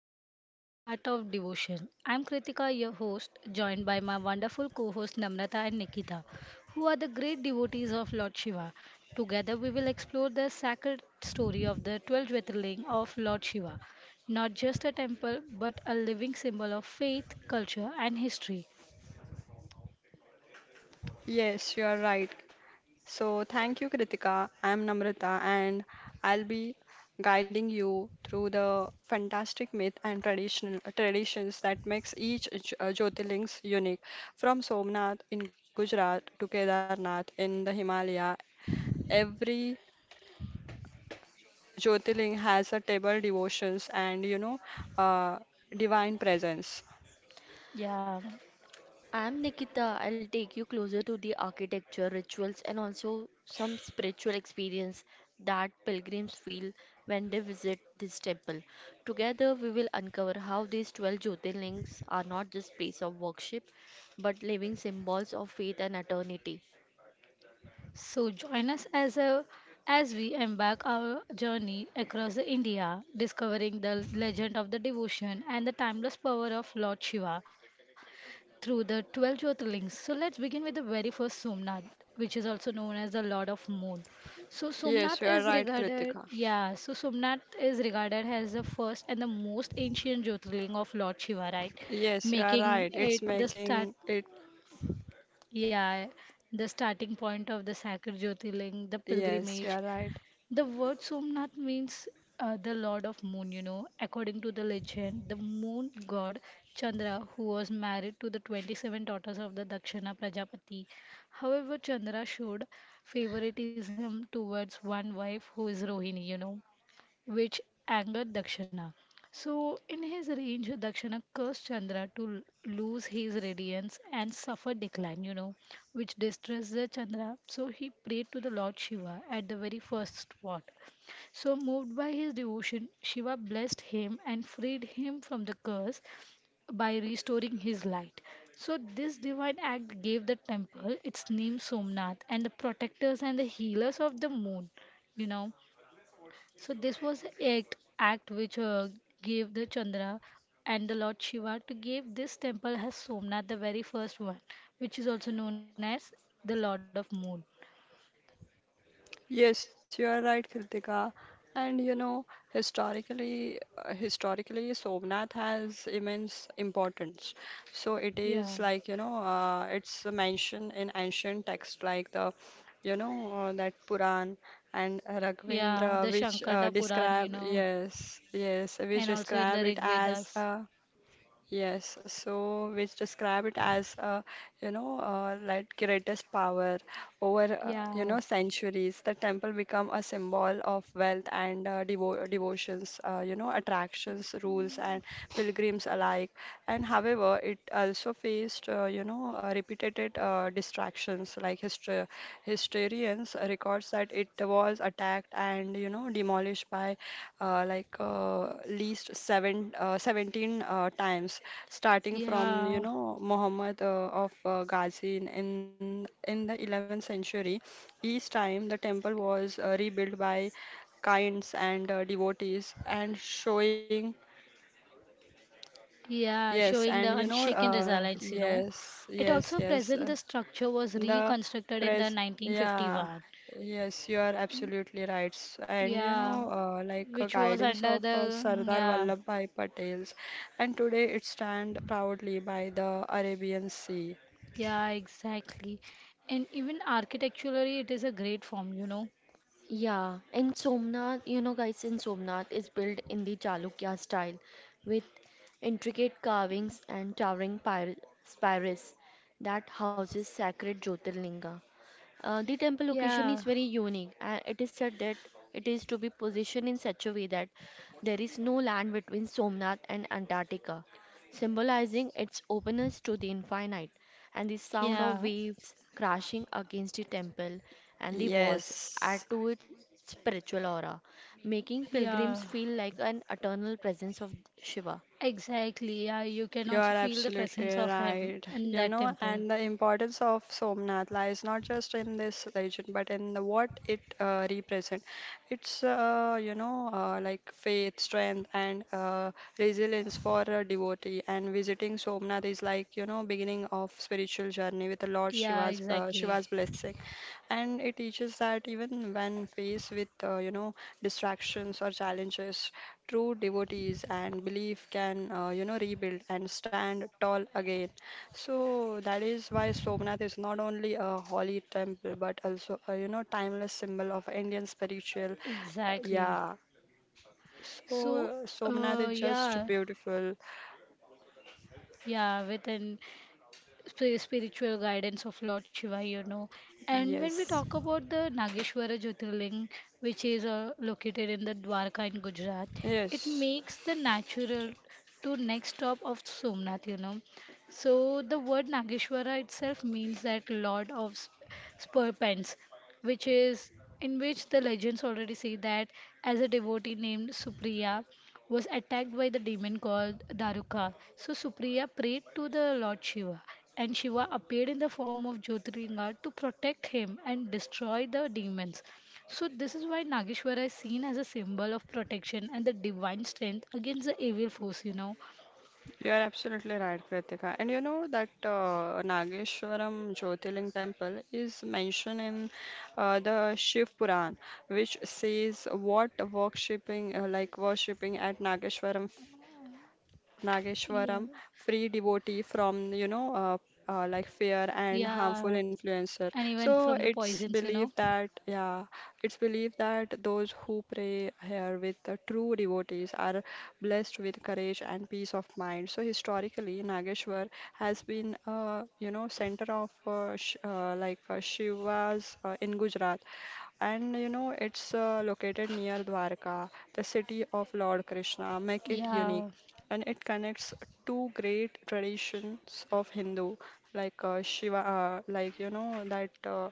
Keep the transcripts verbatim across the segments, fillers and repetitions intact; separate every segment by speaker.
Speaker 1: journey into the heart of devotion. I'm Kritika, your host, joined by my wonderful co hosts Namrata and Nikita, who are the great devotees of Lord Shiva. Together, we will explore the sacred story of the twelve Jyotirlinga of Lord Shiva, not just a temple, but a living symbol of faith, culture, and history.
Speaker 2: Yes, you are right. So, thank you, Kritika. I'm Namrata, and I'll be guiding you through the fantastic myth and traditional traditions that makes each J- uh, Jyotirlings unique. From Somnath in Gujarat to Kedarnath in the Himalaya, every Jyotirling has a table devotions and you know, uh, divine presence.
Speaker 1: Yeah.
Speaker 3: I'm Nikita. I'll take you closer to the architecture, rituals, and also some spiritual experience that pilgrims feel when they visit this temple. Together, we will uncover how these twelve Jyotirlings are not just places of worship but living symbols of faith and eternity.
Speaker 1: So join us as a as we embark our journey across the India, discovering the legend of the devotion and the timeless power of Lord Shiva through the twelve Jyotirlings. So let's begin with the very first Somnath, which is also known as the Lord of Moon. So
Speaker 2: Yes,
Speaker 1: Somnath
Speaker 2: you are
Speaker 1: is
Speaker 2: right,
Speaker 1: regarded,
Speaker 2: Kritika.
Speaker 1: yeah, so Somnath is regarded as the first and the most ancient Jyotirling of Lord Shiva, right?
Speaker 2: Yes, you are
Speaker 1: Making
Speaker 2: right. It's
Speaker 1: it the start
Speaker 2: making it.
Speaker 1: yeah, the starting point of the sacred Jyotirling, the
Speaker 2: Yes, you
Speaker 1: pilgrimage.
Speaker 2: are right.
Speaker 1: The word Somnath means uh, the Lord of Moon, you know. According to the legend, the moon god Chandra, who was married to the twenty-seven daughters of the Dakshina Prajapati. However, Chandra showed favoritism towards one wife who is Rohini, you know which angered Dakshana. So, in his rage, Dakshana cursed Chandra to l- lose his radiance and suffer decline, you know, which distressed the Chandra. So, he prayed to the Lord Shiva at the very first spot. So, moved by his devotion, Shiva blessed him and freed him from the curse by restoring his light. So, this divine act gave the temple its name Somnath and the protectors and the healers of the moon, you know. So this was the act, act which uh, gave the Chandra and the Lord Shiva to give this temple as Somnath, the very first one, which is also known as the Lord of Moon.
Speaker 2: Yes, you are right, Kritika. And you know, historically, uh, historically, Somnath has immense importance. So it
Speaker 1: Yeah,
Speaker 2: is like you know, uh, it's mentioned in ancient texts like the, you know, uh, that Puran and
Speaker 1: yeah, the
Speaker 2: Raghavendra, which uh,
Speaker 1: Shankarda Puran, you
Speaker 2: describe.
Speaker 1: know,
Speaker 2: Yes, yes. Which
Speaker 1: and also in the
Speaker 2: describe it
Speaker 1: Rig
Speaker 2: as
Speaker 1: Vedas.
Speaker 2: uh, yes, so which describe it as uh, you know uh, like greatest power over uh, you know
Speaker 1: Yeah,
Speaker 2: centuries. The temple become a symbol of wealth and uh, devo devotions, uh, you know attractions, rules, and pilgrims alike. And however, it also faced uh, you know uh, repeated uh, distractions. Like histor historians records that it was attacked and you know demolished by uh, like uh, least seven, uh, seventeen uh, times, starting from you
Speaker 1: yeah,
Speaker 2: know Muhammad uh, of uh, Ghazi in in in the eleventh century. Each time the temple was uh, rebuilt by kinds and uh, devotees, and showing
Speaker 1: yeah,
Speaker 2: yes.
Speaker 1: showing
Speaker 2: And
Speaker 1: the
Speaker 2: you know
Speaker 1: unshaken
Speaker 2: uh,
Speaker 1: resilience, you know.
Speaker 2: yes,
Speaker 1: It
Speaker 2: yes,
Speaker 1: also
Speaker 2: yes.
Speaker 1: present
Speaker 2: Uh,
Speaker 1: the structure was
Speaker 2: the
Speaker 1: reconstructed in the
Speaker 2: press. Yeah,
Speaker 1: nineteen fifty-one.
Speaker 2: yes, you are absolutely right. S- And you
Speaker 1: Yeah,
Speaker 2: know, uh, like a
Speaker 1: which was
Speaker 2: guidance
Speaker 1: under
Speaker 2: of uh,
Speaker 1: the
Speaker 2: Sardar
Speaker 1: yeah.
Speaker 2: Vallabhbhai Patel's, and today it stand proudly by the Arabian Sea.
Speaker 1: Yeah, exactly. And even architecturally, it is a great form, you know.
Speaker 3: Yeah, and Somnath, you know, guys, in Somnath is built in the Chalukya style with intricate carvings and towering pyra- spires that houses sacred Jyotirlinga. Uh, the temple location is
Speaker 1: Yeah.
Speaker 3: very unique, and it is said that it is to be positioned in such a way that there is no land between Somnath and Antarctica, symbolizing its openness to the infinite. And the sound of
Speaker 1: Yeah.
Speaker 3: waves crashing against the temple and the walls add
Speaker 2: Yes,
Speaker 3: to its spiritual aura, making pilgrims
Speaker 1: Yeah.
Speaker 3: feel like an eternal presence of Shiva.
Speaker 1: Exactly. Yeah, you can
Speaker 2: you
Speaker 1: also
Speaker 2: are
Speaker 1: feel the
Speaker 2: absolutely
Speaker 1: presence of him
Speaker 2: right.
Speaker 1: in
Speaker 2: You
Speaker 1: that
Speaker 2: know,
Speaker 1: temple.
Speaker 2: and the importance of Somnath lies not just in this legend, but in the what it uh, represents. It's, uh, you know, uh, like faith, strength, and uh, resilience for a devotee. And visiting Somnath is like, you know, beginning of spiritual journey with the Lord
Speaker 1: Yeah,
Speaker 2: Shiva's uh,
Speaker 1: exactly.
Speaker 2: Shiva's blessing. And it teaches that even when faced with, uh, you know, distractions or challenges, true devotees and belief can, uh, you know, rebuild and stand tall again. So that is why Somnath is not only a holy temple but also a, you know, timeless symbol of Indian spiritual.
Speaker 1: Exactly.
Speaker 2: Yeah.
Speaker 1: So,
Speaker 2: So Somnath
Speaker 1: uh,
Speaker 2: is just
Speaker 1: yeah,
Speaker 2: beautiful.
Speaker 1: yeah, within. spi- spiritual guidance of Lord Shiva, you know. And when we
Speaker 2: Yes.
Speaker 1: talk about the Nageshwara Jyotirling, which is uh, located in the Dwarka in Gujarat, it
Speaker 2: Yes.
Speaker 1: makes the natural to next stop of Somnath, you know. So the word Nageshwara itself means that Lord of sp- Serpents, which is in which the legends already say that as a devotee named Supriya was attacked by the demon called Daruka. So Supriya prayed to the Lord Shiva, and Shiva appeared in the form of Jyotirlinga to protect him and destroy the demons. So this is why Nageshwara is seen as a symbol of protection and the divine strength against the evil force, you know.
Speaker 2: You are absolutely right, Kritika. And you know that uh, Nageshwaram Jyotirling temple is mentioned in uh, the Shiv Puran, which says what worshipping uh, like worshipping at Nageshwaram
Speaker 1: Yeah.
Speaker 2: Nageshwaram, free devotee from, you know, uh, uh, like fear and harmful
Speaker 1: Yeah.
Speaker 2: influencer.
Speaker 1: And even
Speaker 2: So
Speaker 1: from the
Speaker 2: it's
Speaker 1: poisons, you know.
Speaker 2: believed that, yeah, it's believed that those who pray here with the true devotees are blessed with courage and peace of mind. So historically, Nageshwar has been, uh, you know, center of uh, sh uh, like uh, Shivas uh, in Gujarat, and you know it's uh, located near Dwarka, the city of Lord Krishna, make it unique
Speaker 1: Yeah.
Speaker 2: and it connects two great traditions of Hindu, like uh, Shiva, uh, like you know that uh,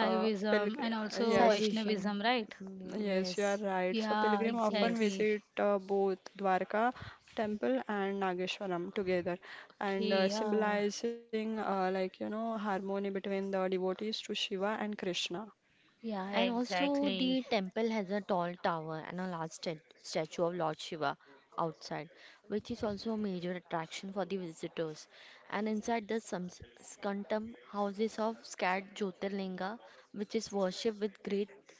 Speaker 2: uh, pilgrim.
Speaker 1: and also
Speaker 3: Sai
Speaker 2: Yes,
Speaker 3: Vishnu,
Speaker 1: Vaishnavism, right?
Speaker 2: yes, you are
Speaker 3: yes,
Speaker 2: right. So
Speaker 1: Yeah,
Speaker 2: pilgrim often
Speaker 3: yes.
Speaker 1: exactly.
Speaker 2: visit uh, both Dwarka temple and Nageshwaram together, and uh,
Speaker 1: Okay, yeah.
Speaker 2: symbolizing uh, like you know harmony between the devotees to Shiva and Krishna.
Speaker 1: Yeah,
Speaker 3: And also,
Speaker 1: exactly.
Speaker 3: the temple has a tall tower and a large stat- statue of Lord Shiva outside, which is also a major attraction for the visitors. And inside the Sams- Skantam houses of scared Jyotirlinga, which is worshipped with great,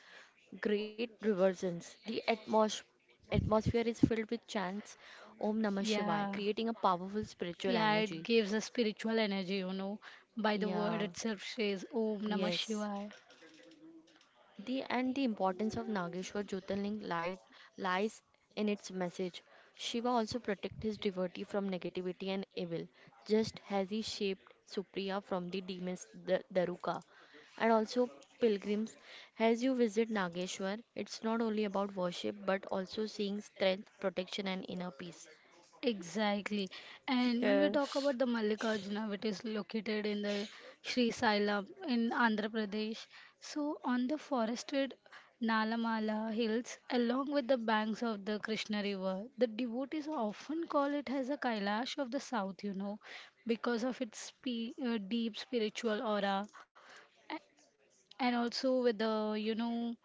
Speaker 3: great reverence. The atmos- atmosphere is filled with chants Om Namah Shivaya,
Speaker 1: Yeah,
Speaker 3: creating a powerful spiritual
Speaker 1: yeah, it
Speaker 3: energy.
Speaker 1: gives a spiritual energy, you know. By the
Speaker 3: Yeah,
Speaker 1: word itself says Om Namah
Speaker 3: yes.
Speaker 1: Shivaya.
Speaker 3: The and the importance of Nageshwar Jyotirling lies lies in its message. Shiva also protects his devotee from negativity and evil, just as he shaped Supriya from the demons the Daruka. And also pilgrims, as you visit Nageshwar, it's not only about worship but also seeing strength, protection and inner peace.
Speaker 1: Exactly. And when we talk about
Speaker 2: Yes,
Speaker 1: the Mallikarjuna, which is located in the Sri Sailam in Andhra Pradesh, so on the forested Nalamala hills, along with the banks of the Krishna River, the devotees often call it as a Kailash of the South, you know, because of its spi- uh, deep spiritual aura. And also with the you know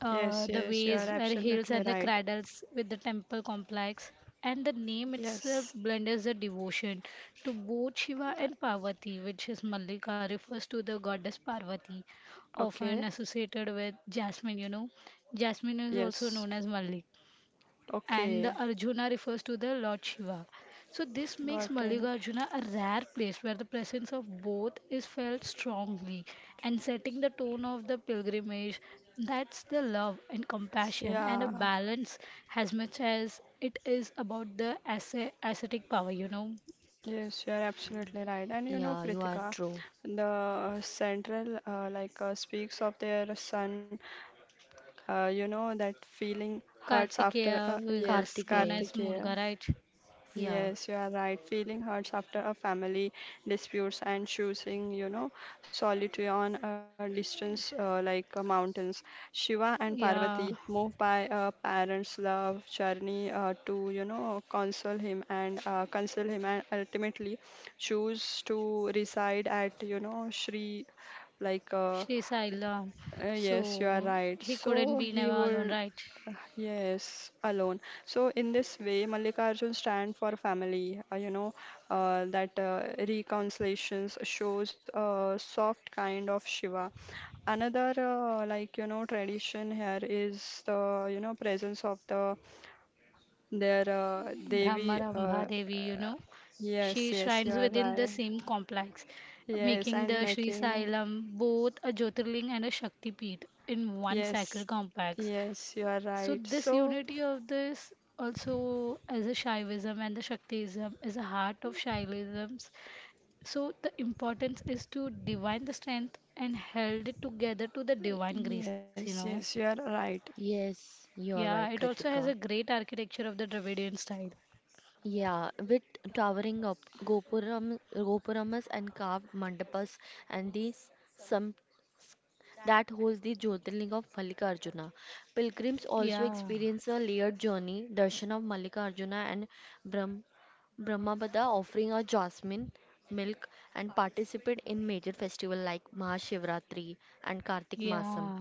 Speaker 1: uh,
Speaker 2: yes,
Speaker 1: the
Speaker 2: yes, you are
Speaker 1: ways where hills
Speaker 2: absolutely
Speaker 1: and the
Speaker 2: right.
Speaker 1: cradles with the temple complex and the name itself
Speaker 2: Yes.
Speaker 1: blends the devotion to both Shiva and Parvati, which is Mallika refers to the goddess Parvati,
Speaker 2: Okay.
Speaker 1: often associated with jasmine. You know, jasmine is also
Speaker 2: Yes.
Speaker 1: known as Mallika and
Speaker 2: Okay.
Speaker 1: the Arjuna refers to the Lord Shiva. So this
Speaker 2: Got
Speaker 1: makes
Speaker 2: it.
Speaker 1: Mallikarjuna a rare place where the presence of both is felt strongly and setting the tone of the pilgrimage. That's the love and compassion and a
Speaker 2: Yeah.
Speaker 1: balance as much as it is about the asce- ascetic power, you know.
Speaker 2: Yes, you are absolutely right. And you know,
Speaker 3: Yeah, you
Speaker 2: Kritika,
Speaker 3: are true.
Speaker 2: the central uh, like uh, speaks of their son. Uh, you know that feeling hurts after. Uh,
Speaker 1: Kartikeya, who is also
Speaker 2: yes,
Speaker 1: known as
Speaker 3: Kartikeya.
Speaker 2: Kartikeya.
Speaker 1: Muruga, right?
Speaker 3: Yeah.
Speaker 2: Yes, you are right. Feeling hurts after a family disputes and choosing, you know, solitude on a distance uh, like uh, mountains. Shiva and
Speaker 1: Yeah,
Speaker 2: Parvati, moved by a parent's love journey uh, to, you know, console him and uh, console him, and ultimately choose to reside at, you know, Sri, like uh,
Speaker 1: Sri Sailam.
Speaker 2: uh, yes, you are
Speaker 1: So
Speaker 2: right.
Speaker 1: he couldn't
Speaker 2: So
Speaker 1: be
Speaker 2: he
Speaker 1: never alone,
Speaker 2: would,
Speaker 1: right?
Speaker 2: yes, alone. So in this way, Mallikarjun stand for family. Uh, you know uh, that uh, reconciliations shows a soft kind of Shiva. Another uh, like you know tradition here is the you know presence of the their uh, Devi. Uh,
Speaker 1: Brahmaramba
Speaker 2: uh,
Speaker 1: Devi, you know. She
Speaker 2: yes, yes,
Speaker 1: shrines
Speaker 2: you are
Speaker 1: within the
Speaker 2: right.
Speaker 1: same complex,
Speaker 2: Yes,
Speaker 1: making
Speaker 2: and
Speaker 1: the Sri
Speaker 2: making
Speaker 1: Sailam both a Jyotirling and a Shakti Peeth in one
Speaker 2: yes.
Speaker 1: sacred complex.
Speaker 2: Yes, you are
Speaker 1: So
Speaker 2: right.
Speaker 1: this
Speaker 2: So,
Speaker 1: unity of this also as a Shaivism and the Shaktism is a heart of Shaivisms. So the importance is to divine the strength and held it together to the divine grace, you know.
Speaker 2: yes, yes, you are right.
Speaker 3: Yes, you are
Speaker 1: Yeah,
Speaker 3: right,
Speaker 1: it also has a
Speaker 3: Kritika.
Speaker 1: great architecture of the Dravidian style.
Speaker 3: Yeah, with towering up gopuram, gopuramas and carved mandapas and these some that holds the Jyotirlinga of Mallikarjuna. Pilgrims also
Speaker 1: Yeah.
Speaker 3: experience a layered journey, darshan of Mallikarjuna and Brahm, Brahmapada offering a jasmine milk and participate in major festival like Mahashivratri and Kartik
Speaker 1: Yeah.
Speaker 3: Masam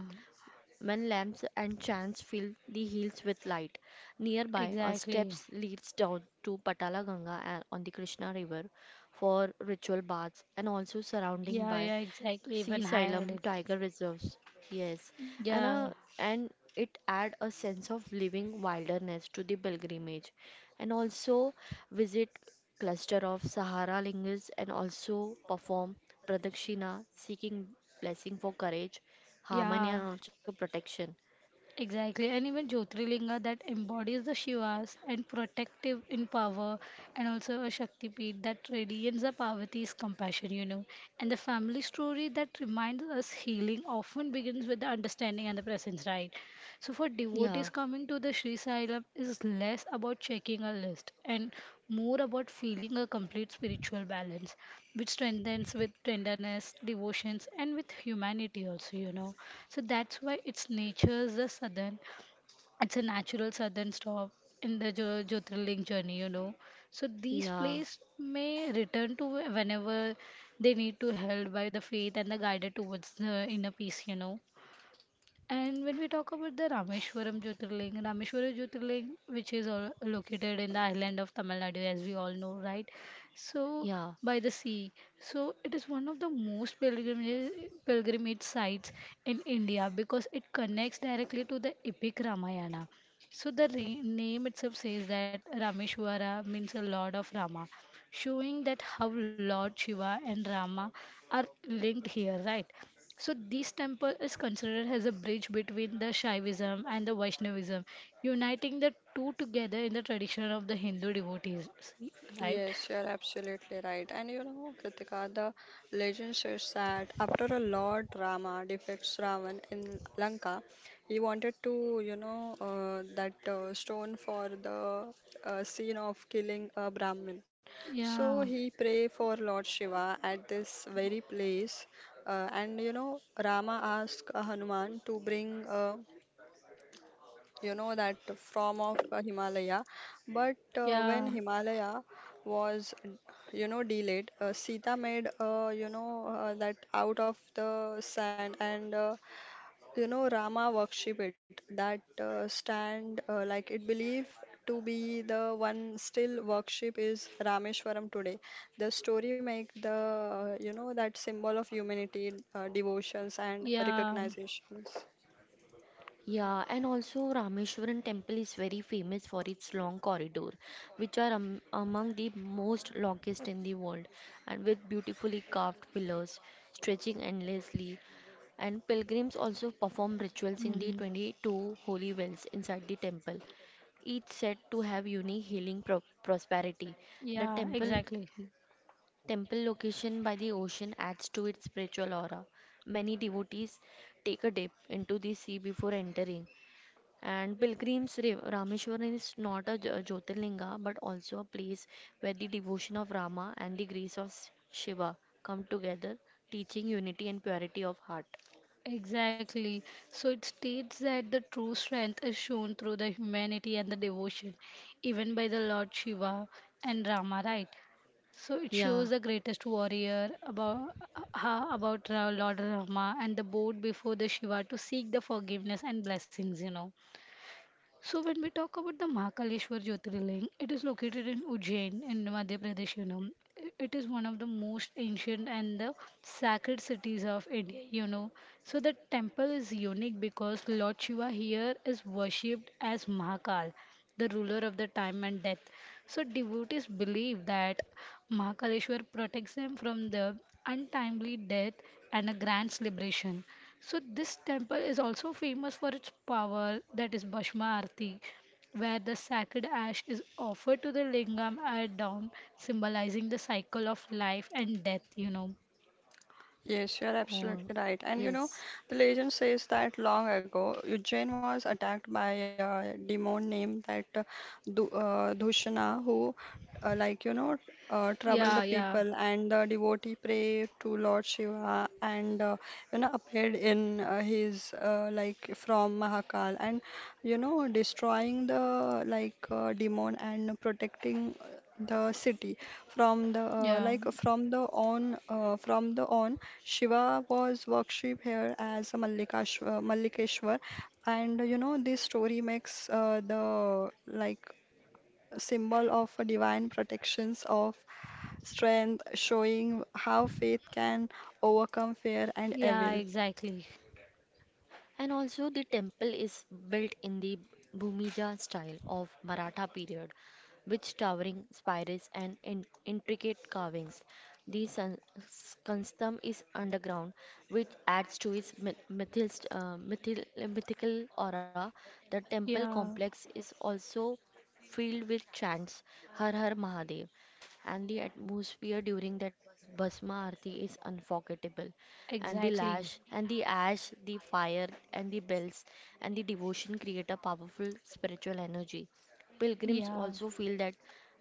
Speaker 3: when lamps and chants fill the hills with light. Nearby, a
Speaker 1: Exactly.
Speaker 3: steps leads down to Patala Ganga and on the Krishna River for ritual baths and also surrounding
Speaker 1: Yeah,
Speaker 3: by
Speaker 1: yeah, exactly.
Speaker 3: Sea
Speaker 1: Even
Speaker 3: Silam
Speaker 1: hired it.
Speaker 3: Tiger Reserves. Yes, and
Speaker 1: Yeah.
Speaker 3: a, and it add a sense of living wilderness to the pilgrimage, and also visit cluster of Sahara Lingas and also perform Pradakshina seeking blessing for courage, harmony
Speaker 1: Yeah.
Speaker 3: and also protection.
Speaker 1: Exactly, and even Jyotirlinga that embodies the Shivas and protective in power, and also a Shaktipeeth that radiates the Parvati's compassion, you know. And the family story that reminds us healing often begins with the understanding and the presence, right? So for
Speaker 3: Yeah,
Speaker 1: devotees coming to the Sri Sailam is less about checking a list and more about feeling a complete spiritual balance, which strengthens with tenderness, devotions, and with humanity also, you know. So that's why its nature is a southern, it's a natural southern stop in the Jo- Jyotirling journey, you know. So these
Speaker 3: yeah,
Speaker 1: places may return to whenever they need to held by the faith and the guided towards the inner peace, you know. And when we talk about the Rameshwaram Jyotirling, Rameshwaram Jyotirling, which is all located in the island of Tamil Nadu, as we all know, right? So,
Speaker 3: yeah,
Speaker 1: by the sea. So, it is one of the most pilgrimage, pilgrimage sites in India because it connects directly to the epic Ramayana. So, the re- name itself says that Rameshwara means a Lord of Rama, showing that how Lord Shiva and Rama are linked here, right? So this temple is considered as a bridge between the Shaivism and the Vaishnavism, uniting the two together in the tradition of the Hindu devotees. See, right?
Speaker 2: Yes, you are absolutely right. And you know, Kritika, the legend says that after a Lord Rama defeats Ravan in Lanka, he wanted to, you know, uh, that uh, stone for the uh, scene of killing a Brahmin. So
Speaker 1: Yeah,
Speaker 2: he pray for Lord Shiva at this very place. Uh, and you know, Rama asked Hanuman to bring a, you know that from of, uh, Himalaya. But uh, when
Speaker 1: yeah,
Speaker 2: Himalaya was, you know, delayed, uh, Sita made, uh, you know, uh, that out of the sand and, uh, you know, Rama worship it, that uh, stand, uh, like it believed to be the one still worship is Rameshwaram today. The story make the, uh, you know, that symbol of humanity, uh, devotions and
Speaker 1: yeah.
Speaker 2: recognitions.
Speaker 3: yeah. And also, Rameshwaran temple is very famous for its long corridor, which are am among the most longest in the world, and with beautifully carved pillars stretching endlessly. And pilgrims also perform
Speaker 1: Hmm.
Speaker 3: rituals in the twenty-two holy wells inside the temple, each said to have unique healing pro prosperity. The
Speaker 1: Yeah,
Speaker 3: temple,
Speaker 1: exactly.
Speaker 3: Temple location by the ocean adds to its spiritual aura. Many devotees take a dip into the sea before entering. And pilgrims, Ra- Rameshwaram is not a Jyo- Jyotirlinga but also a place where the devotion of Rama and the grace of S- Shiva come together, teaching unity and purity of heart.
Speaker 1: Exactly. So it states that the true strength is shown through the humanity and the devotion, even by the Lord Shiva and Rama, right? So it
Speaker 3: Yeah.
Speaker 1: shows the greatest warrior about ha about Ra- Lord Rama and the boat before the Shiva to seek the forgiveness and blessings, you know. So when we talk about the Mahakaleshwar Jyotirlinga, it is located in Ujjain in Madhya Pradesh. You know, I- it is one of the most ancient and the sacred cities of India. You know, so the temple is unique because Lord Shiva here is worshipped as Mahakal, the ruler of the time and death. So devotees believe that Mahakaleshwar protects them from the untimely death and a grand celebration. So this temple is also famous for its power, that is Bhasma Arati, where the sacred ash is offered to the lingam at dawn, symbolizing the cycle of life and death, you know.
Speaker 2: Yes, you are
Speaker 3: Oh,
Speaker 2: absolutely right. And you know,
Speaker 3: yes.
Speaker 2: the legend says that long ago, Ujjain was attacked by a demon named that uh, Du- uh, Dushana, who, uh, like you know, uh,
Speaker 1: Yeah,
Speaker 2: troubled the
Speaker 1: yeah,
Speaker 2: people. And the devotee prayed to Lord Shiva, and uh, you know, appeared in uh, his uh, like from Mahakal, and you know, destroying the like uh, demon and protecting the city from the, uh,
Speaker 1: yeah,
Speaker 2: like from the on, uh, from the on, Shiva was worshipped here as a Mallikash uh, Mallikeshwar, and you know this story makes uh, the like symbol of a divine protections of strength, showing how faith can overcome fear and
Speaker 1: yeah,
Speaker 2: evil.
Speaker 1: exactly.
Speaker 3: And also, the temple is built in the Bhumija style of Maratha period, with towering spires and in- intricate carvings. The san- s- Kanstham is underground, which adds to its myth- mythist, uh, mythil- mythical aura. The temple
Speaker 1: Yeah,
Speaker 3: complex is also filled with chants Har Har Mahadev, and the atmosphere during that Bhasma Aarti is unforgettable. And the
Speaker 1: exactly.
Speaker 3: lash, and the ash, the fire, and the bells, and the devotion create a powerful spiritual energy. Pilgrims
Speaker 1: Yeah,
Speaker 3: also feel that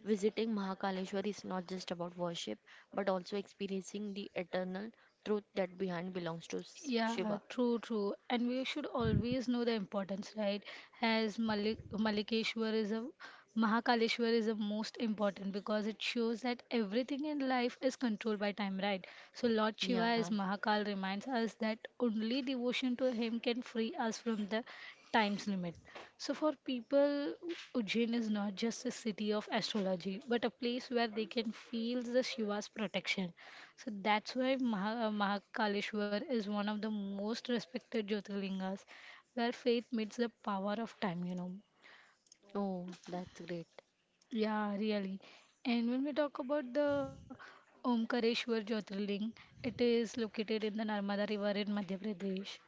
Speaker 3: visiting Mahakaleshwar is not just about worship, but also experiencing the eternal truth that behind belongs to S-
Speaker 1: yeah,
Speaker 3: Shiva.
Speaker 1: true, true. And we should always know the importance, right? As Malik Malikeshwar is a Mahakaleshwar is the most important because it shows that everything in life is controlled by time, right? So Lord Shiva
Speaker 3: Yeah.
Speaker 1: as Mahakal reminds us that only devotion to him can free us from the time's limit. So for people, Ujjain is not just a city of astrology, but a place where they can feel the Shiva's protection. So that's why Maha- Mahakaleshwar is one of the most respected Jyotirlingas where faith meets the power of time, you know.
Speaker 3: Oh, that's great.
Speaker 1: Yeah, really. And when we talk about the Omkareshwar Jyotirling, it is located in the Narmada River in Madhya Pradesh,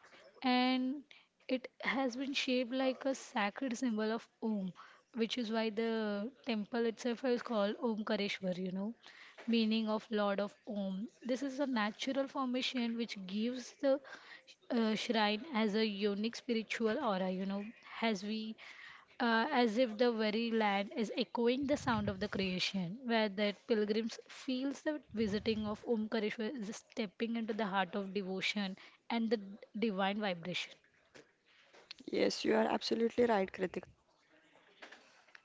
Speaker 1: and it has been shaped like a sacred symbol of Om, which is why the temple itself is called Omkareshwar, you know, meaning of Lord of Om. This is a natural formation which gives the uh, shrine as a unique spiritual aura, you know, as we uh, as if the very land is echoing the sound of the creation, where that pilgrims feels the visiting of Omkareshwar is stepping into the heart of devotion and the divine vibration.
Speaker 2: Yes, you are absolutely right, Kritika.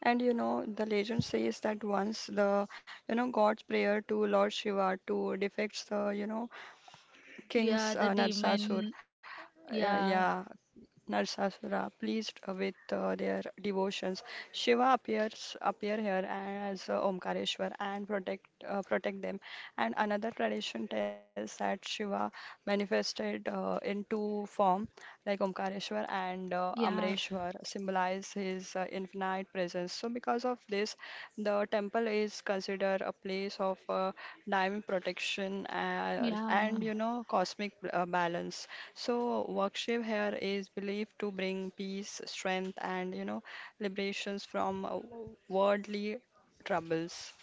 Speaker 2: And you know, the legend says that once the you know God's prayer to Lord Shiva to defeat the you know
Speaker 1: Yeah,
Speaker 2: king's
Speaker 1: the
Speaker 2: uh, Narsasur.
Speaker 1: demon.
Speaker 2: Uh,
Speaker 1: Yeah,
Speaker 2: yeah, Narsasura, pleased with uh, their devotions. Shiva appears appear here as uh, Omkareshwar and protect uh, protect them. And another tradition tells that Shiva manifested uh, in two form, like Omkareshwar and uh,
Speaker 1: yeah,
Speaker 2: Amreshwar, symbolize his uh, infinite presence. So because of this, the temple is considered a place of uh, divine protection uh,
Speaker 1: yeah,
Speaker 2: and you know cosmic uh, balance. So worship here is believed to bring peace, strength, and you know liberations from uh, worldly troubles.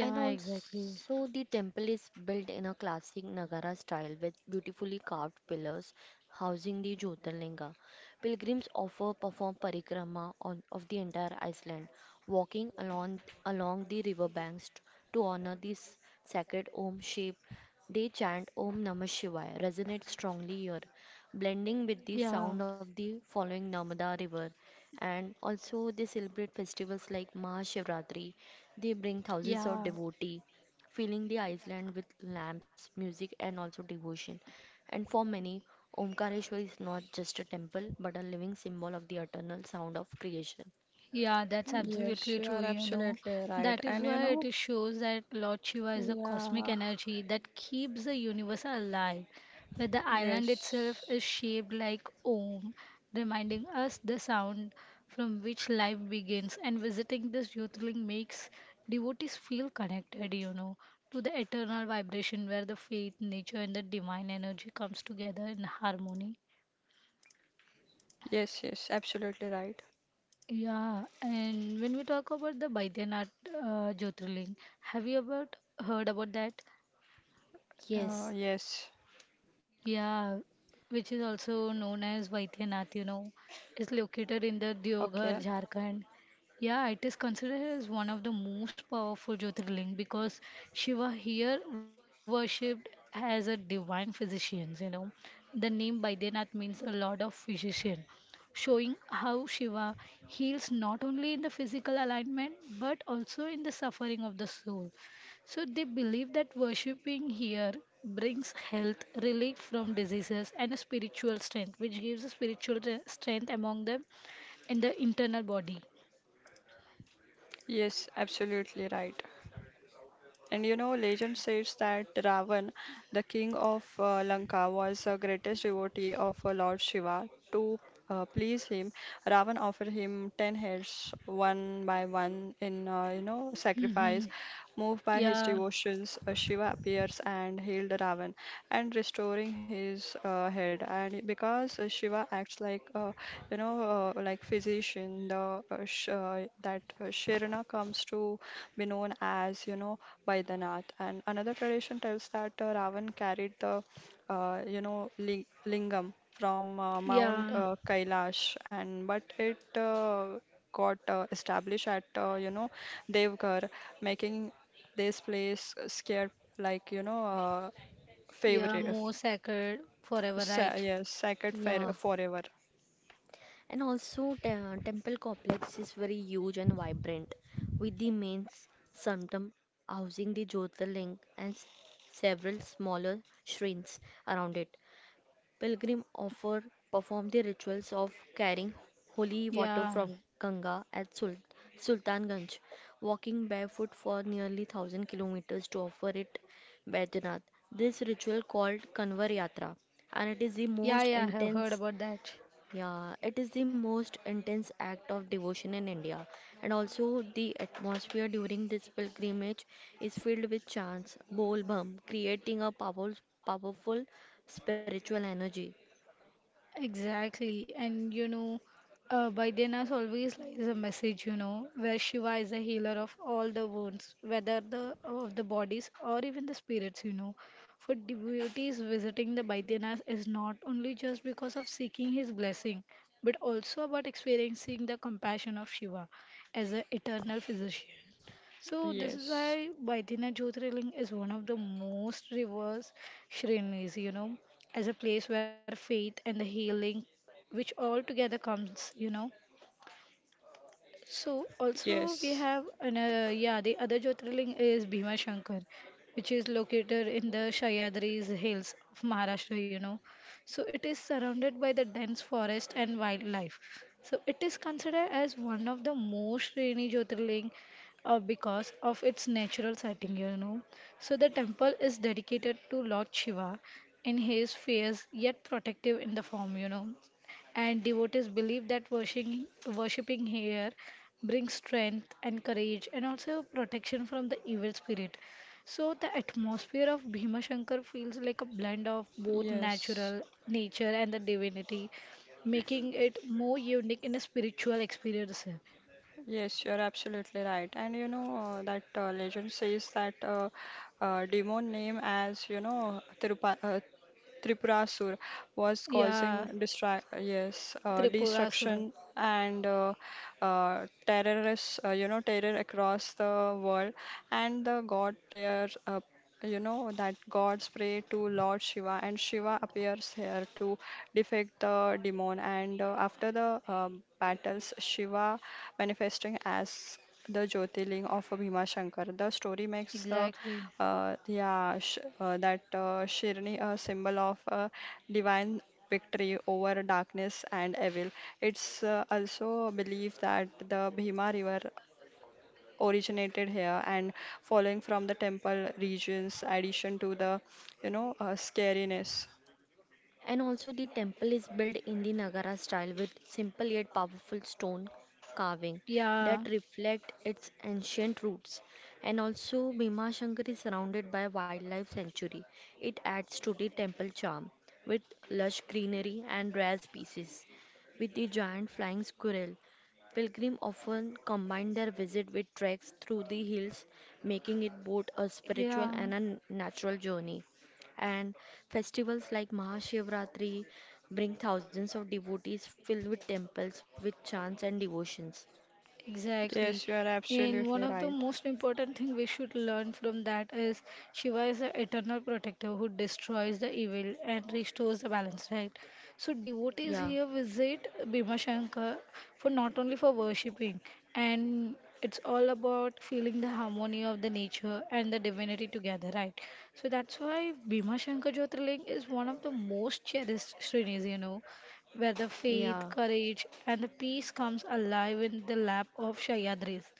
Speaker 3: And
Speaker 1: exactly.
Speaker 3: also, the temple is built in a classic Nagara style with beautifully carved pillars housing the Jyotirlinga. Pilgrims offer perform parikrama on, of the entire Iceland, walking along along the riverbanks t- to honor this sacred Om shape. They chant Om Namah Shivaya, resonates strongly here, blending with the
Speaker 1: Yeah,
Speaker 3: sound of the following Narmada river. And also, they celebrate festivals like Mahashivratri they bring
Speaker 1: yeah.
Speaker 3: thousands of devotees, filling the island with lamps, music, and also devotion. And for many, Omkareshwar is not just a temple but a living symbol of the eternal sound of creation.
Speaker 1: Yeah, that's
Speaker 2: Yes,
Speaker 1: absolutely
Speaker 2: you
Speaker 1: true,
Speaker 2: are
Speaker 1: you know.
Speaker 2: absolutely right.
Speaker 1: That is
Speaker 2: And you
Speaker 1: why
Speaker 2: know,
Speaker 1: it shows that Lord Shiva is a cosmic
Speaker 2: yeah,
Speaker 1: energy that keeps the universe alive, but the island itself
Speaker 2: yes,
Speaker 1: is shaped like Om, reminding us the sound from which life begins, and visiting this Jyotirling makes devotees feel connected, you know, to the eternal vibration where the faith, nature, and the divine energy comes together in harmony.
Speaker 2: yes, yes, absolutely right.
Speaker 1: Yeah, and when we talk about the Baidyanath uh, Jyotirling, have you ever heard about that?
Speaker 2: Uh,
Speaker 3: Yes,
Speaker 2: yes,
Speaker 1: Yeah, which is also known as Vaidyanath, you know, is located in the Deoghar,
Speaker 2: okay,
Speaker 1: Jharkhand. Yeah, it is considered as one of the most powerful Jyotirling because Shiva here worshipped as a divine physician, you know. The name Vaidyanath means a lord of physician, showing how Shiva heals not only in the physical alignment but also in the suffering of the soul. So they believe that worshipping here brings health, relief from diseases, and a spiritual strength, which gives a spiritual re- strength among them in the internal body.
Speaker 2: yes, absolutely right. And you know, legend says that Ravan, the king of uh, Lanka, was the greatest devotee of uh, Lord Shiva. To uh, please him, Ravan offered him ten heads, one by one, in uh, you know
Speaker 1: hmm
Speaker 2: sacrifice. Moved by his
Speaker 1: Yeah,
Speaker 2: devotions, uh, Shiva appears and healed Ravan, and restoring his uh, head. And because uh, Shiva acts like uh, you know, uh, like physician, the uh, sh uh, that uh, Sharana comes to be known as you know by the Nath. And another tradition tells that uh, Ravan carried the, uh, you know, ling- lingam from uh, Mount
Speaker 1: yeah,
Speaker 2: uh, Kailash, and but it uh, got uh, established at, uh, you know, Devgarh, making this place scared, like, you know, uh,
Speaker 1: yeah,
Speaker 2: favorite, uh,
Speaker 1: more sacred forever,
Speaker 2: sa
Speaker 1: right?
Speaker 2: yes, sacred fair
Speaker 3: yeah.
Speaker 2: forever.
Speaker 3: And also, te- uh, temple complex is very huge and vibrant, with the main s- sanctum housing the Jyotirling and s- several smaller shrines around it. Pilgrim offer perform the rituals of carrying holy water
Speaker 1: Yeah,
Speaker 3: from Ganga at Sul- Sultanganj, walking barefoot for nearly a thousand kilometers to offer it Baidyanath. This ritual called Kanvar Yatra, and it is the
Speaker 1: yeah,
Speaker 3: most
Speaker 1: yeah, I have heard
Speaker 3: intense
Speaker 1: about that.
Speaker 3: yeah, it is the most intense act of devotion in India, and also the atmosphere during this pilgrimage is filled with chants, bol bum, creating a powerful, powerful spiritual energy.
Speaker 1: Exactly. And you know, uh, Baidyanath always lies a message, you know, where Shiva is a healer of all the wounds, whether the of the bodies or even the spirits, you know. For devotees visiting the Baidyanath is not only just because of seeking his blessing, but also about experiencing the compassion of Shiva as an eternal physician. So this is
Speaker 2: Yes,
Speaker 1: why Baidyanath Jyotirlinga is one of the most reversed Shrinis, you know, as a place where faith and the healing, which all together comes, you know. So also we
Speaker 2: yes,
Speaker 1: have another yeah the other Jyotirling is Bhima Shankar, which is located in the Sahyadri's hills of Maharashtra, you know. So it is surrounded by the dense forest and wildlife. So it is considered as one of the most rainy Jyotirling uh, because of its natural setting, you know. So the temple is dedicated to Lord Shiva in his fierce yet protective in the form, you know and devotees believe that worshiping, worshiping here brings strength and courage and also protection from the evil spirit. So the atmosphere of Bhima Shankar feels like a blend of both
Speaker 2: yes.
Speaker 1: natural nature and the divinity, making it more unique in a spiritual experience.
Speaker 2: Yes, you're absolutely right. And you know uh, that uh, legend says that uh, uh, demon name as you know Tirupa, uh, Tripurasur was causing
Speaker 1: Yeah,
Speaker 2: distra yes, uh,
Speaker 1: Tripurasura.
Speaker 2: destruction and uh, uh, terrorists, uh, you know, terror across the world. And the god prayer, uh, you know, that gods pray to Lord Shiva, and Shiva appears here to defeat the demon. And uh, after the um battles, Shiva manifesting as the Jyotirling of Bhima Shankar. The story makes the
Speaker 1: Exactly.
Speaker 2: uh, yeah, sh uh, that uh, Shirni, a symbol of uh, divine victory over darkness and evil. It's uh, also believed that the Bhima River originated here and following from the temple regions, addition to the, you know, uh, scariness.
Speaker 3: And also, the temple is built in the Nagara style with simple yet powerful stone carving
Speaker 1: Yeah,
Speaker 3: that reflect its ancient roots. And also, Bhima Shankar is surrounded by wildlife sanctuary. It adds to the temple charm with lush greenery and rare species. With the giant flying squirrel, pilgrims often combine their visit with treks through the hills, making it both a spiritual
Speaker 1: yeah.
Speaker 3: and a natural journey, and festivals like Mahashivratri bring thousands of devotees filled with temples with chants and devotions.
Speaker 2: Yes, you
Speaker 1: Exactly.
Speaker 2: are
Speaker 1: And
Speaker 2: absolutely
Speaker 1: one of
Speaker 2: right.
Speaker 1: the most important thing we should learn from that is Shiva is the eternal protector who destroys the evil and restores the balance, right? So
Speaker 3: Yeah,
Speaker 1: devotees here visit Bhima Shankar for not only for worshipping and it's all about feeling the harmony of the nature and the divinity together, right? So that's why Bhima Shankar Jyotirling is one of the most cherished shrines, you know where the
Speaker 3: yeah.
Speaker 1: faith, courage, and the peace comes alive in the lap of Shayadris.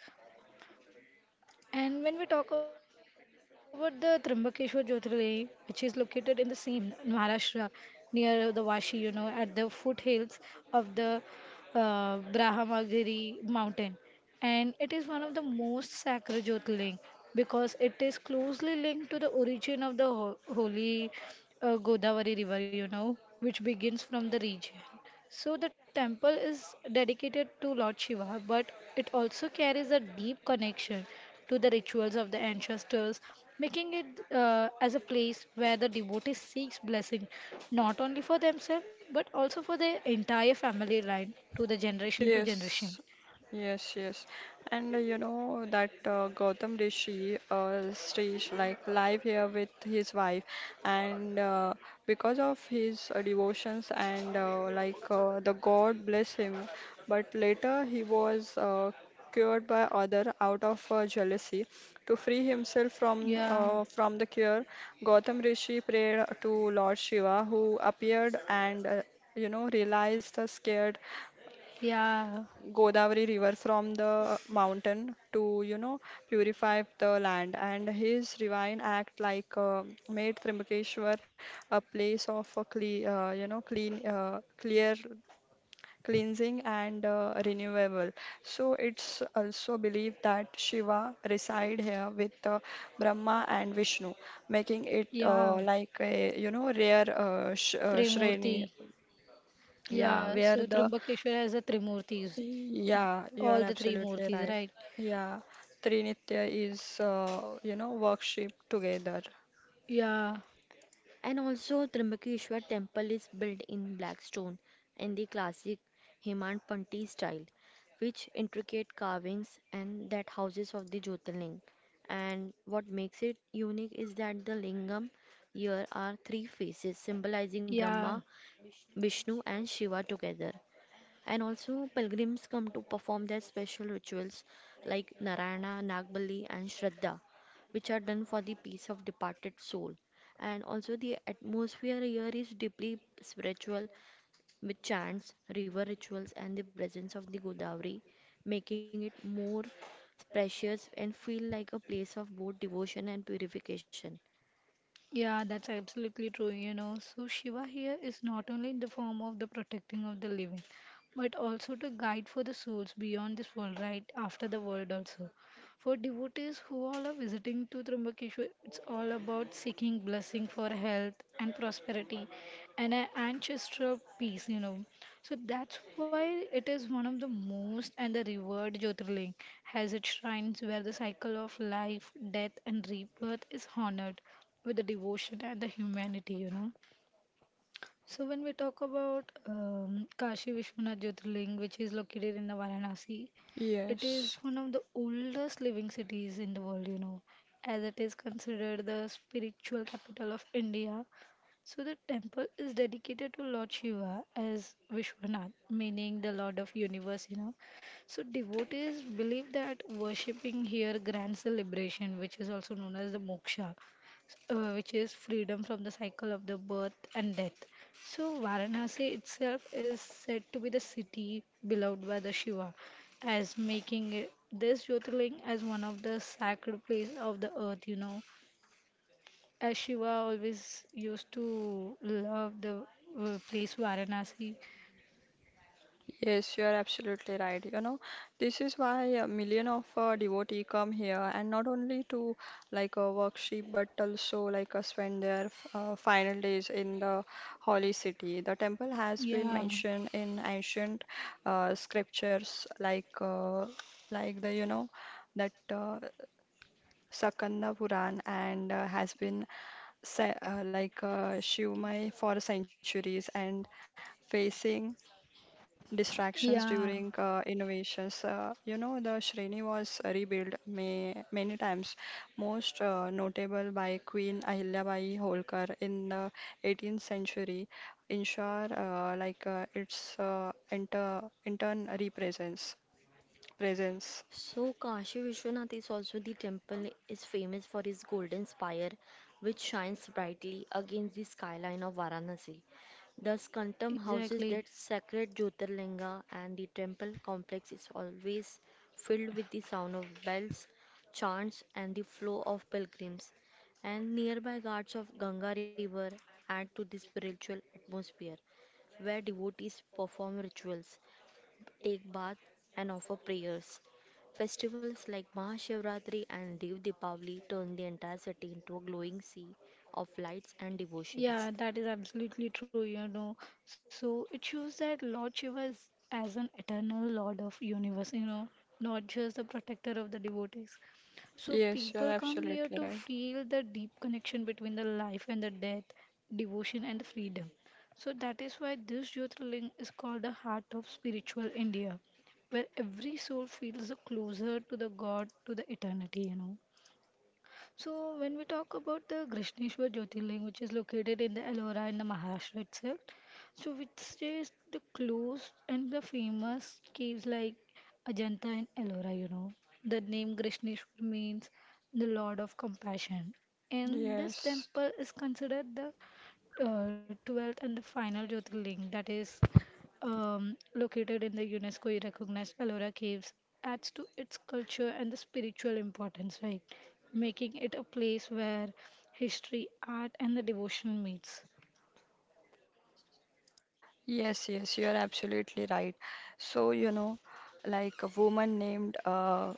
Speaker 1: And when we talk about the Trimbakeshwar Jyotirlinga, which is located in the same Maharashtra, near the Vashi, you know, at the foothills of the uh, Brahmagiri mountain and it is one of the most sacred Jyotirling because it is closely linked to the origin of the ho- holy uh, Godavari river, you know, which begins from the region. So the temple is dedicated to Lord Shiva, but it also carries a deep connection to the rituals of the ancestors, making it uh, as a place where the devotee seeks blessing not only for themselves but also for their entire family line to the generation to generation.
Speaker 2: Yes, yes, yes. And uh, you know that uh, Gautam Rishi, uh, Srish, like live here with his wife, and uh, because of his uh, devotions and uh, like uh, the God bless him, but later he was uh, cured by other out of uh, jealousy. To free himself from
Speaker 1: Yeah.
Speaker 2: uh, from the cure, Gautam Rishi prayed to Lord Shiva, who appeared and uh, you know realized the scared
Speaker 1: Yeah,
Speaker 2: Godavari river from the mountain to you know purify the land, and his divine act like uh, made Trimbakeshwar a place of a clean, uh, you know clean uh, clear cleansing and uh, renewable. So it's also believed that Shiva reside here with uh, Brahma and Vishnu, making it
Speaker 1: yeah,
Speaker 2: uh, like a you know rare uh, sh uh,
Speaker 1: Trimurti.
Speaker 2: shreni. Yeah,
Speaker 1: Yeah,
Speaker 2: where
Speaker 1: so
Speaker 2: the
Speaker 1: Trimbakeshwar has the Trimurtis,
Speaker 2: yeah, you are
Speaker 1: all the three
Speaker 2: absolutely
Speaker 1: Murtis,
Speaker 2: right.
Speaker 1: right?
Speaker 2: Yeah, Trinitya is, uh, you know, worship together.
Speaker 1: Yeah,
Speaker 3: And also Trimbakeshwar temple is built in black stone in the classic Hemant Panti style, which intricate carvings and that houses of the Jyotirling. And what makes it unique is that the lingam here are three faces symbolizing
Speaker 1: yeah.
Speaker 3: Brahma, Vishnu and Shiva together. And also, pilgrims come to perform their special rituals like Narayana, Nagbali, and Shraddha, which are done for the peace of departed soul. And also, the atmosphere here is deeply spiritual with chants, river rituals, and the presence of the Godavari, making it more precious and feel like a place of both devotion and purification.
Speaker 1: Yeah, that's absolutely true, you know. So Shiva here is not only in the form of the protecting of the living, but also to guide for the souls beyond this world, right? After the world also. For devotees who all are visiting to Trimbakeshwar, it's all about seeking blessing for health and prosperity and an ancestral peace, you know. So that's why it is one of the most and the revered Jyotirling, has its shrines where the cycle of life, death, and rebirth is honored with the devotion and the humanity, you know. So when we talk about um, Kashi Vishwanath Jyotirling, which is located in the Varanasi, it is
Speaker 2: Yes,
Speaker 1: one of the oldest living cities in the world, you know, as it is considered the spiritual capital of India. So the temple is dedicated to Lord Shiva as Vishwanath, meaning the Lord of Universe, you know. So devotees believe that worshipping here grants the liberation, which is also known as the moksha, uh, which is freedom from the cycle of the birth and death. So Varanasi itself is said to be the city beloved by the Shiva, as making it, this Jyotirling as one of the sacred place of the earth. You know, as Shiva always used to love the uh, place Varanasi.
Speaker 2: yes, you are absolutely right. You know, this is why a million of uh, devotee come here, and not only to like uh, worship, but also like uh, spend their uh, final days in the holy city. The temple has been
Speaker 1: Yeah,
Speaker 2: mentioned in ancient uh, scriptures, like uh, like the you know that uh, Sakanda Puran and uh, has been se- uh, like uh, Shivamai for centuries, and facing distractions during
Speaker 1: yeah,
Speaker 2: uh, innovations. Uh, you know, the Shreni was rebuilt may- many times, most uh, notable by Queen Ahilyabai Holkar in the eighteenth century, ensure uh, like uh, its uh, inter- intern represents presence.
Speaker 3: So Kashi Vishwanath is also the temple is famous for its golden spire which shines brightly against the skyline of Varanasi. The Skantam houses
Speaker 1: exactly.
Speaker 3: that sacred Jyotirlinga, and the temple complex is always filled with the sound of bells, chants and the flow of pilgrims, and nearby ghats of Ganga river add to the spiritual atmosphere where devotees perform rituals, take bath, and offer prayers. Festivals like Mahashivratri and Dev Deepavali turn the entire city into a glowing sea of lights and
Speaker 1: Yeah,
Speaker 3: devotions.
Speaker 1: that is absolutely true, you know. So it shows that Lord Shiva is as an eternal Lord of universe, you know, not just the protector of the devotees. So
Speaker 2: Yes, you're
Speaker 1: people come here
Speaker 2: absolutely
Speaker 1: to
Speaker 2: right.
Speaker 1: feel the deep connection between the life and the death, devotion and the freedom. So that is why this Jyotirling is called the heart of spiritual India, where every soul feels closer to the God, to the eternity, you know. So, when we talk about the Krishneshwar Jyotirling, which is located in the Ellora in the Maharashtra itself, so which is the close and the famous caves like Ajanta and Ellora, you know. The name Krishneshwar means the Lord of Compassion, and this
Speaker 2: Yes.
Speaker 1: temple is considered the uh, twelfth and the final Jyotirling that is um, located in the UNESCO recognized Ellora Caves adds to its culture and the spiritual importance, right? Making it a place where history, art, and the devotion meets.
Speaker 2: Yes, yes, you are absolutely right. So, you know, like a woman named uh,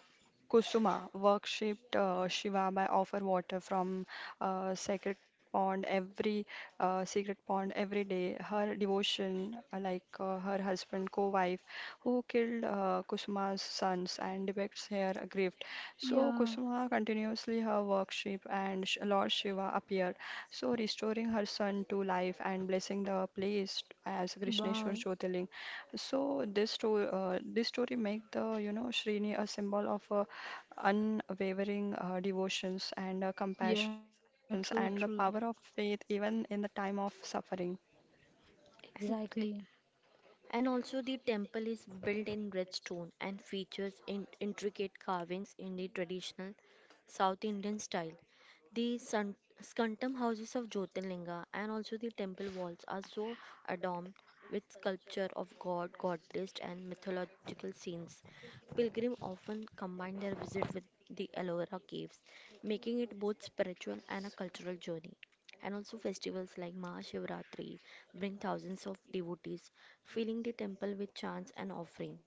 Speaker 2: Kusuma worshipped uh, Shiva by offer water from uh, sacred pond every uh, secret pond every day. Her devotion, uh, like uh, her husband, co-wife, who killed uh, Kusuma's sons and depicts her grief. So
Speaker 1: Yeah,
Speaker 2: Kusuma continuously her worship and Sh- Lord Shiva appear, so restoring her son to life and blessing the place as Krishneshwar
Speaker 1: wow.
Speaker 2: Jyotirling. So, this story, uh, this story make the you know Srini a symbol of uh, unwavering uh, devotions and uh,
Speaker 1: Yeah,
Speaker 2: compassions
Speaker 1: true,
Speaker 2: and the power
Speaker 1: true.
Speaker 2: of faith even in the time of suffering.
Speaker 3: And,
Speaker 1: Exactly.
Speaker 3: and also, the temple is built in red stone and features in intricate carvings in the traditional South Indian style. The sun- scantum houses of Jyotirlinga, and also the temple walls are so adorned with sculpture of god, goddess, and mythological scenes. Pilgrims often combine their visit with the Ellora caves, making it both spiritual and a cultural journey. And also festivals like Mahashivratri bring thousands of devotees filling the temple with chants and offerings.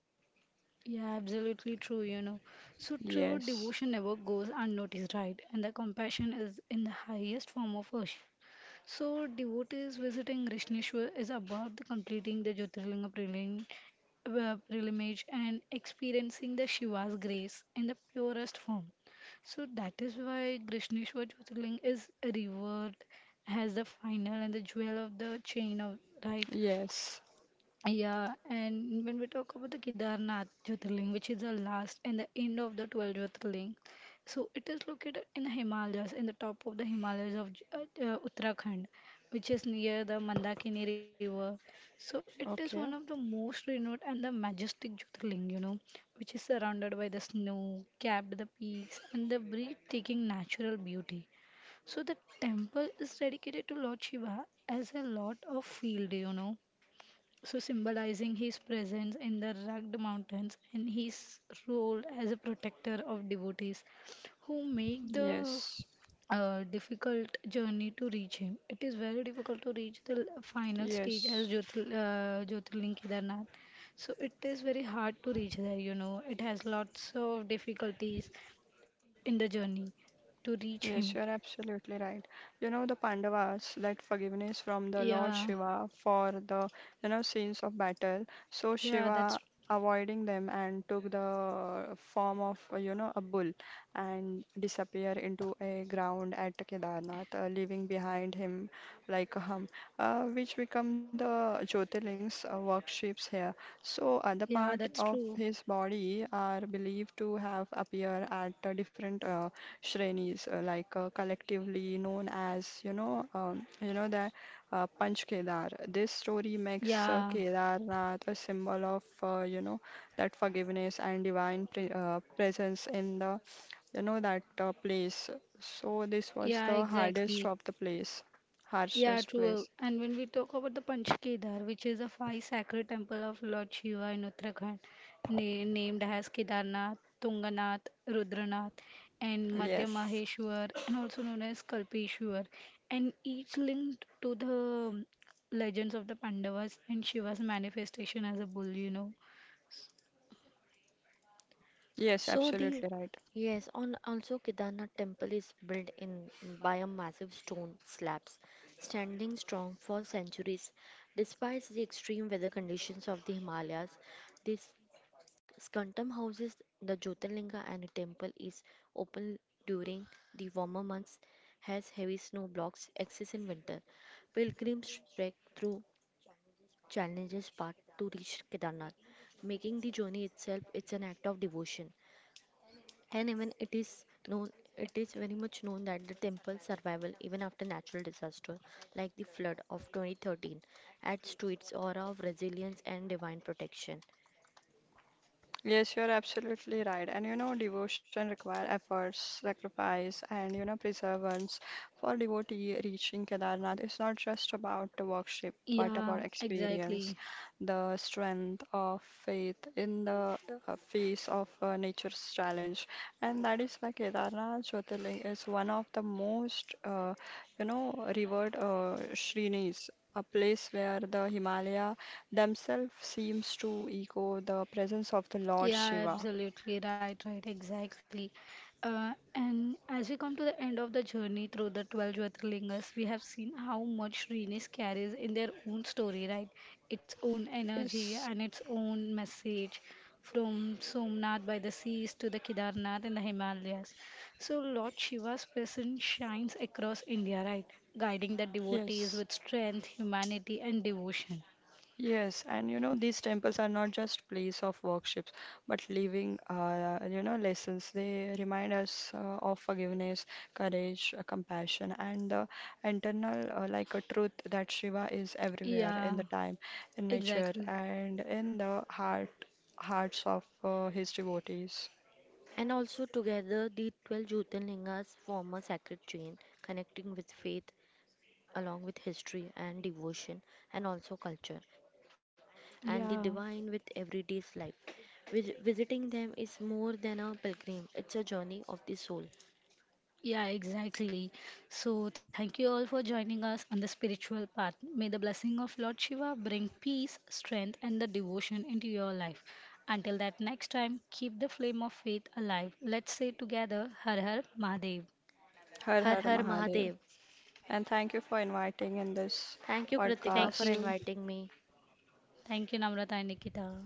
Speaker 1: Yeah, absolutely true, you know. So true
Speaker 2: Yes,
Speaker 1: devotion never goes unnoticed, right? And the compassion is in the highest form of worship. So, devotees visiting Rishneshwar is about the completing the Jyotirlinga prelim, uh, pilgrimage and experiencing the Shiva's grace in the purest form. So, that is why Rishneshwar Jyotirling is revered as the final and the jewel of the chain of right.
Speaker 2: yes,
Speaker 1: Yeah, and when we talk about the Kedarnath Jyotirling, which is the last and the end of the twelve Jyotirling, so it is located in the Himalayas, in the top of the Himalayas of J- uh, uh, Uttarakhand, which is near the Mandakini River. So it is
Speaker 2: okay,
Speaker 1: one of the most renowned and the majestic Jyotirling, you know, which is surrounded by the snow, capped the peaks, and the breathtaking natural beauty. So the temple is dedicated to Lord Shiva as a lot of field, you know so symbolizing his presence in the rugged mountains and his role as a protector of devotees who make the
Speaker 2: yes,
Speaker 1: uh, difficult journey to reach him. It is very difficult to reach the l- final stage as
Speaker 2: yes.
Speaker 1: Jyotil, uh, Jyotirling Kedarnath. So it is very hard to reach there, you know. It has lots of difficulties in the journey to
Speaker 2: Yes,
Speaker 1: reach
Speaker 2: you are
Speaker 1: him.
Speaker 2: absolutely right. You know, the Pandavas that forgiveness from the Lord
Speaker 1: Yeah,
Speaker 2: Shiva for the, you know, scenes of battle. So
Speaker 1: yeah,
Speaker 2: Shiva
Speaker 1: that's
Speaker 2: avoiding them and took the form of, uh, you know, a bull and disappear into a ground at Kedarnath, uh, leaving behind him like a hum, uh, which become the Jyotirling's uh, workshops here. So other part
Speaker 1: yeah, that's
Speaker 2: of
Speaker 1: true.
Speaker 2: his body are believed to have appear at uh, different uh, Shrenis, uh, like uh, collectively known as, you know, um, you know the uh, Panch Kedar. This story makes uh,
Speaker 1: Yeah,
Speaker 2: Kedarnath a symbol of, uh, you know, that forgiveness and divine pre uh, presence in the, you know, that uh, place. So this was
Speaker 1: yeah,
Speaker 2: the hardest
Speaker 1: exactly.
Speaker 2: of the place,
Speaker 1: Yeah,
Speaker 2: harshest
Speaker 1: true.
Speaker 2: place.
Speaker 1: And when we talk about the Panch Kedar, which is a five sacred temple of Lord Shiva in Uttarakhand, na- named as Kedarnath, Tunganath, Rudranath, and Madhya
Speaker 2: Yes,
Speaker 1: Maheshwar, and also known as Kalpeshwar, and each linked to the um, legends of the Pandavas and Shiva's manifestation as a bull, you know.
Speaker 2: yes,
Speaker 3: So the
Speaker 2: absolutely right.
Speaker 3: yes, on also Kedarnath temple is built in by a massive stone slabs, standing strong for centuries. Despite the extreme weather conditions of the Himalayas, this skantam houses the Jyotirlinga, and the temple is open during the warmer months, has heavy snow blocks access in winter. Pilgrims trek through challenges path to reach Kedarnath, making the journey itself it's an act of devotion. And even it is known, it is very much known that the temple survival even after natural disaster like the flood of twenty thirteen adds to its aura of resilience and divine protection.
Speaker 2: Yes, you're absolutely right. And you know, devotion require efforts, sacrifice, and you know, perseverance. For devotee reaching Kedarnath, it's not just about the worship, but about
Speaker 1: Yeah,
Speaker 2: experience,
Speaker 1: exactly.
Speaker 2: the strength of faith in the uh, face of uh, nature's challenge. And that is why Kedarnath Jyotirling is one of the most, uh, you know, revered uh, shrinis, a place where the Himalaya themselves seems to echo the presence of the Lord
Speaker 1: Yeah,
Speaker 2: Shiva.
Speaker 1: absolutely right, right, exactly. Uh, and as we come to the end of the journey through the twelve Jyotirlingas, we have seen how much Srinis carries in their own story, right? Its own energy
Speaker 2: Yes,
Speaker 1: and its own message from Somnath by the seas to the Kedarnath in the Himalayas. So, Lord Shiva's presence shines across India, right? Guiding the devotees
Speaker 2: yes,
Speaker 1: with strength, humanity, and devotion.
Speaker 2: yes. And you know, these temples are not just place of worships, but living, uh, you know, lessons. They remind us uh, of forgiveness, courage, uh, compassion, and the internal, uh, like a truth that Shiva is everywhere in the
Speaker 1: Yeah,
Speaker 2: time, in nature,
Speaker 1: exactly.
Speaker 2: and in the heart, hearts of uh, his devotees.
Speaker 3: And also together the twelve Jyotirlingas form a sacred chain connecting with faith along with history and devotion and also culture and the
Speaker 1: Yeah.
Speaker 3: divine with everyday life. Vis- Visiting them is more than a pilgrim, it's a journey of the soul.
Speaker 1: Yeah, exactly. So, thank you all for joining us on the spiritual path. May the blessing of Lord Shiva bring peace, strength, and the devotion into your life. Until that next time, keep the flame of faith alive. Let's say together, Har Har Mahadev.
Speaker 2: Har
Speaker 3: Har
Speaker 2: Har
Speaker 3: Har
Speaker 2: Mahadev.
Speaker 3: Mahadev.
Speaker 2: And thank you for inviting in this
Speaker 3: Thank you, Kritika, for
Speaker 1: Thank
Speaker 2: podcast.
Speaker 1: you.
Speaker 3: inviting me.
Speaker 1: Thank you, Namrata and Nikita.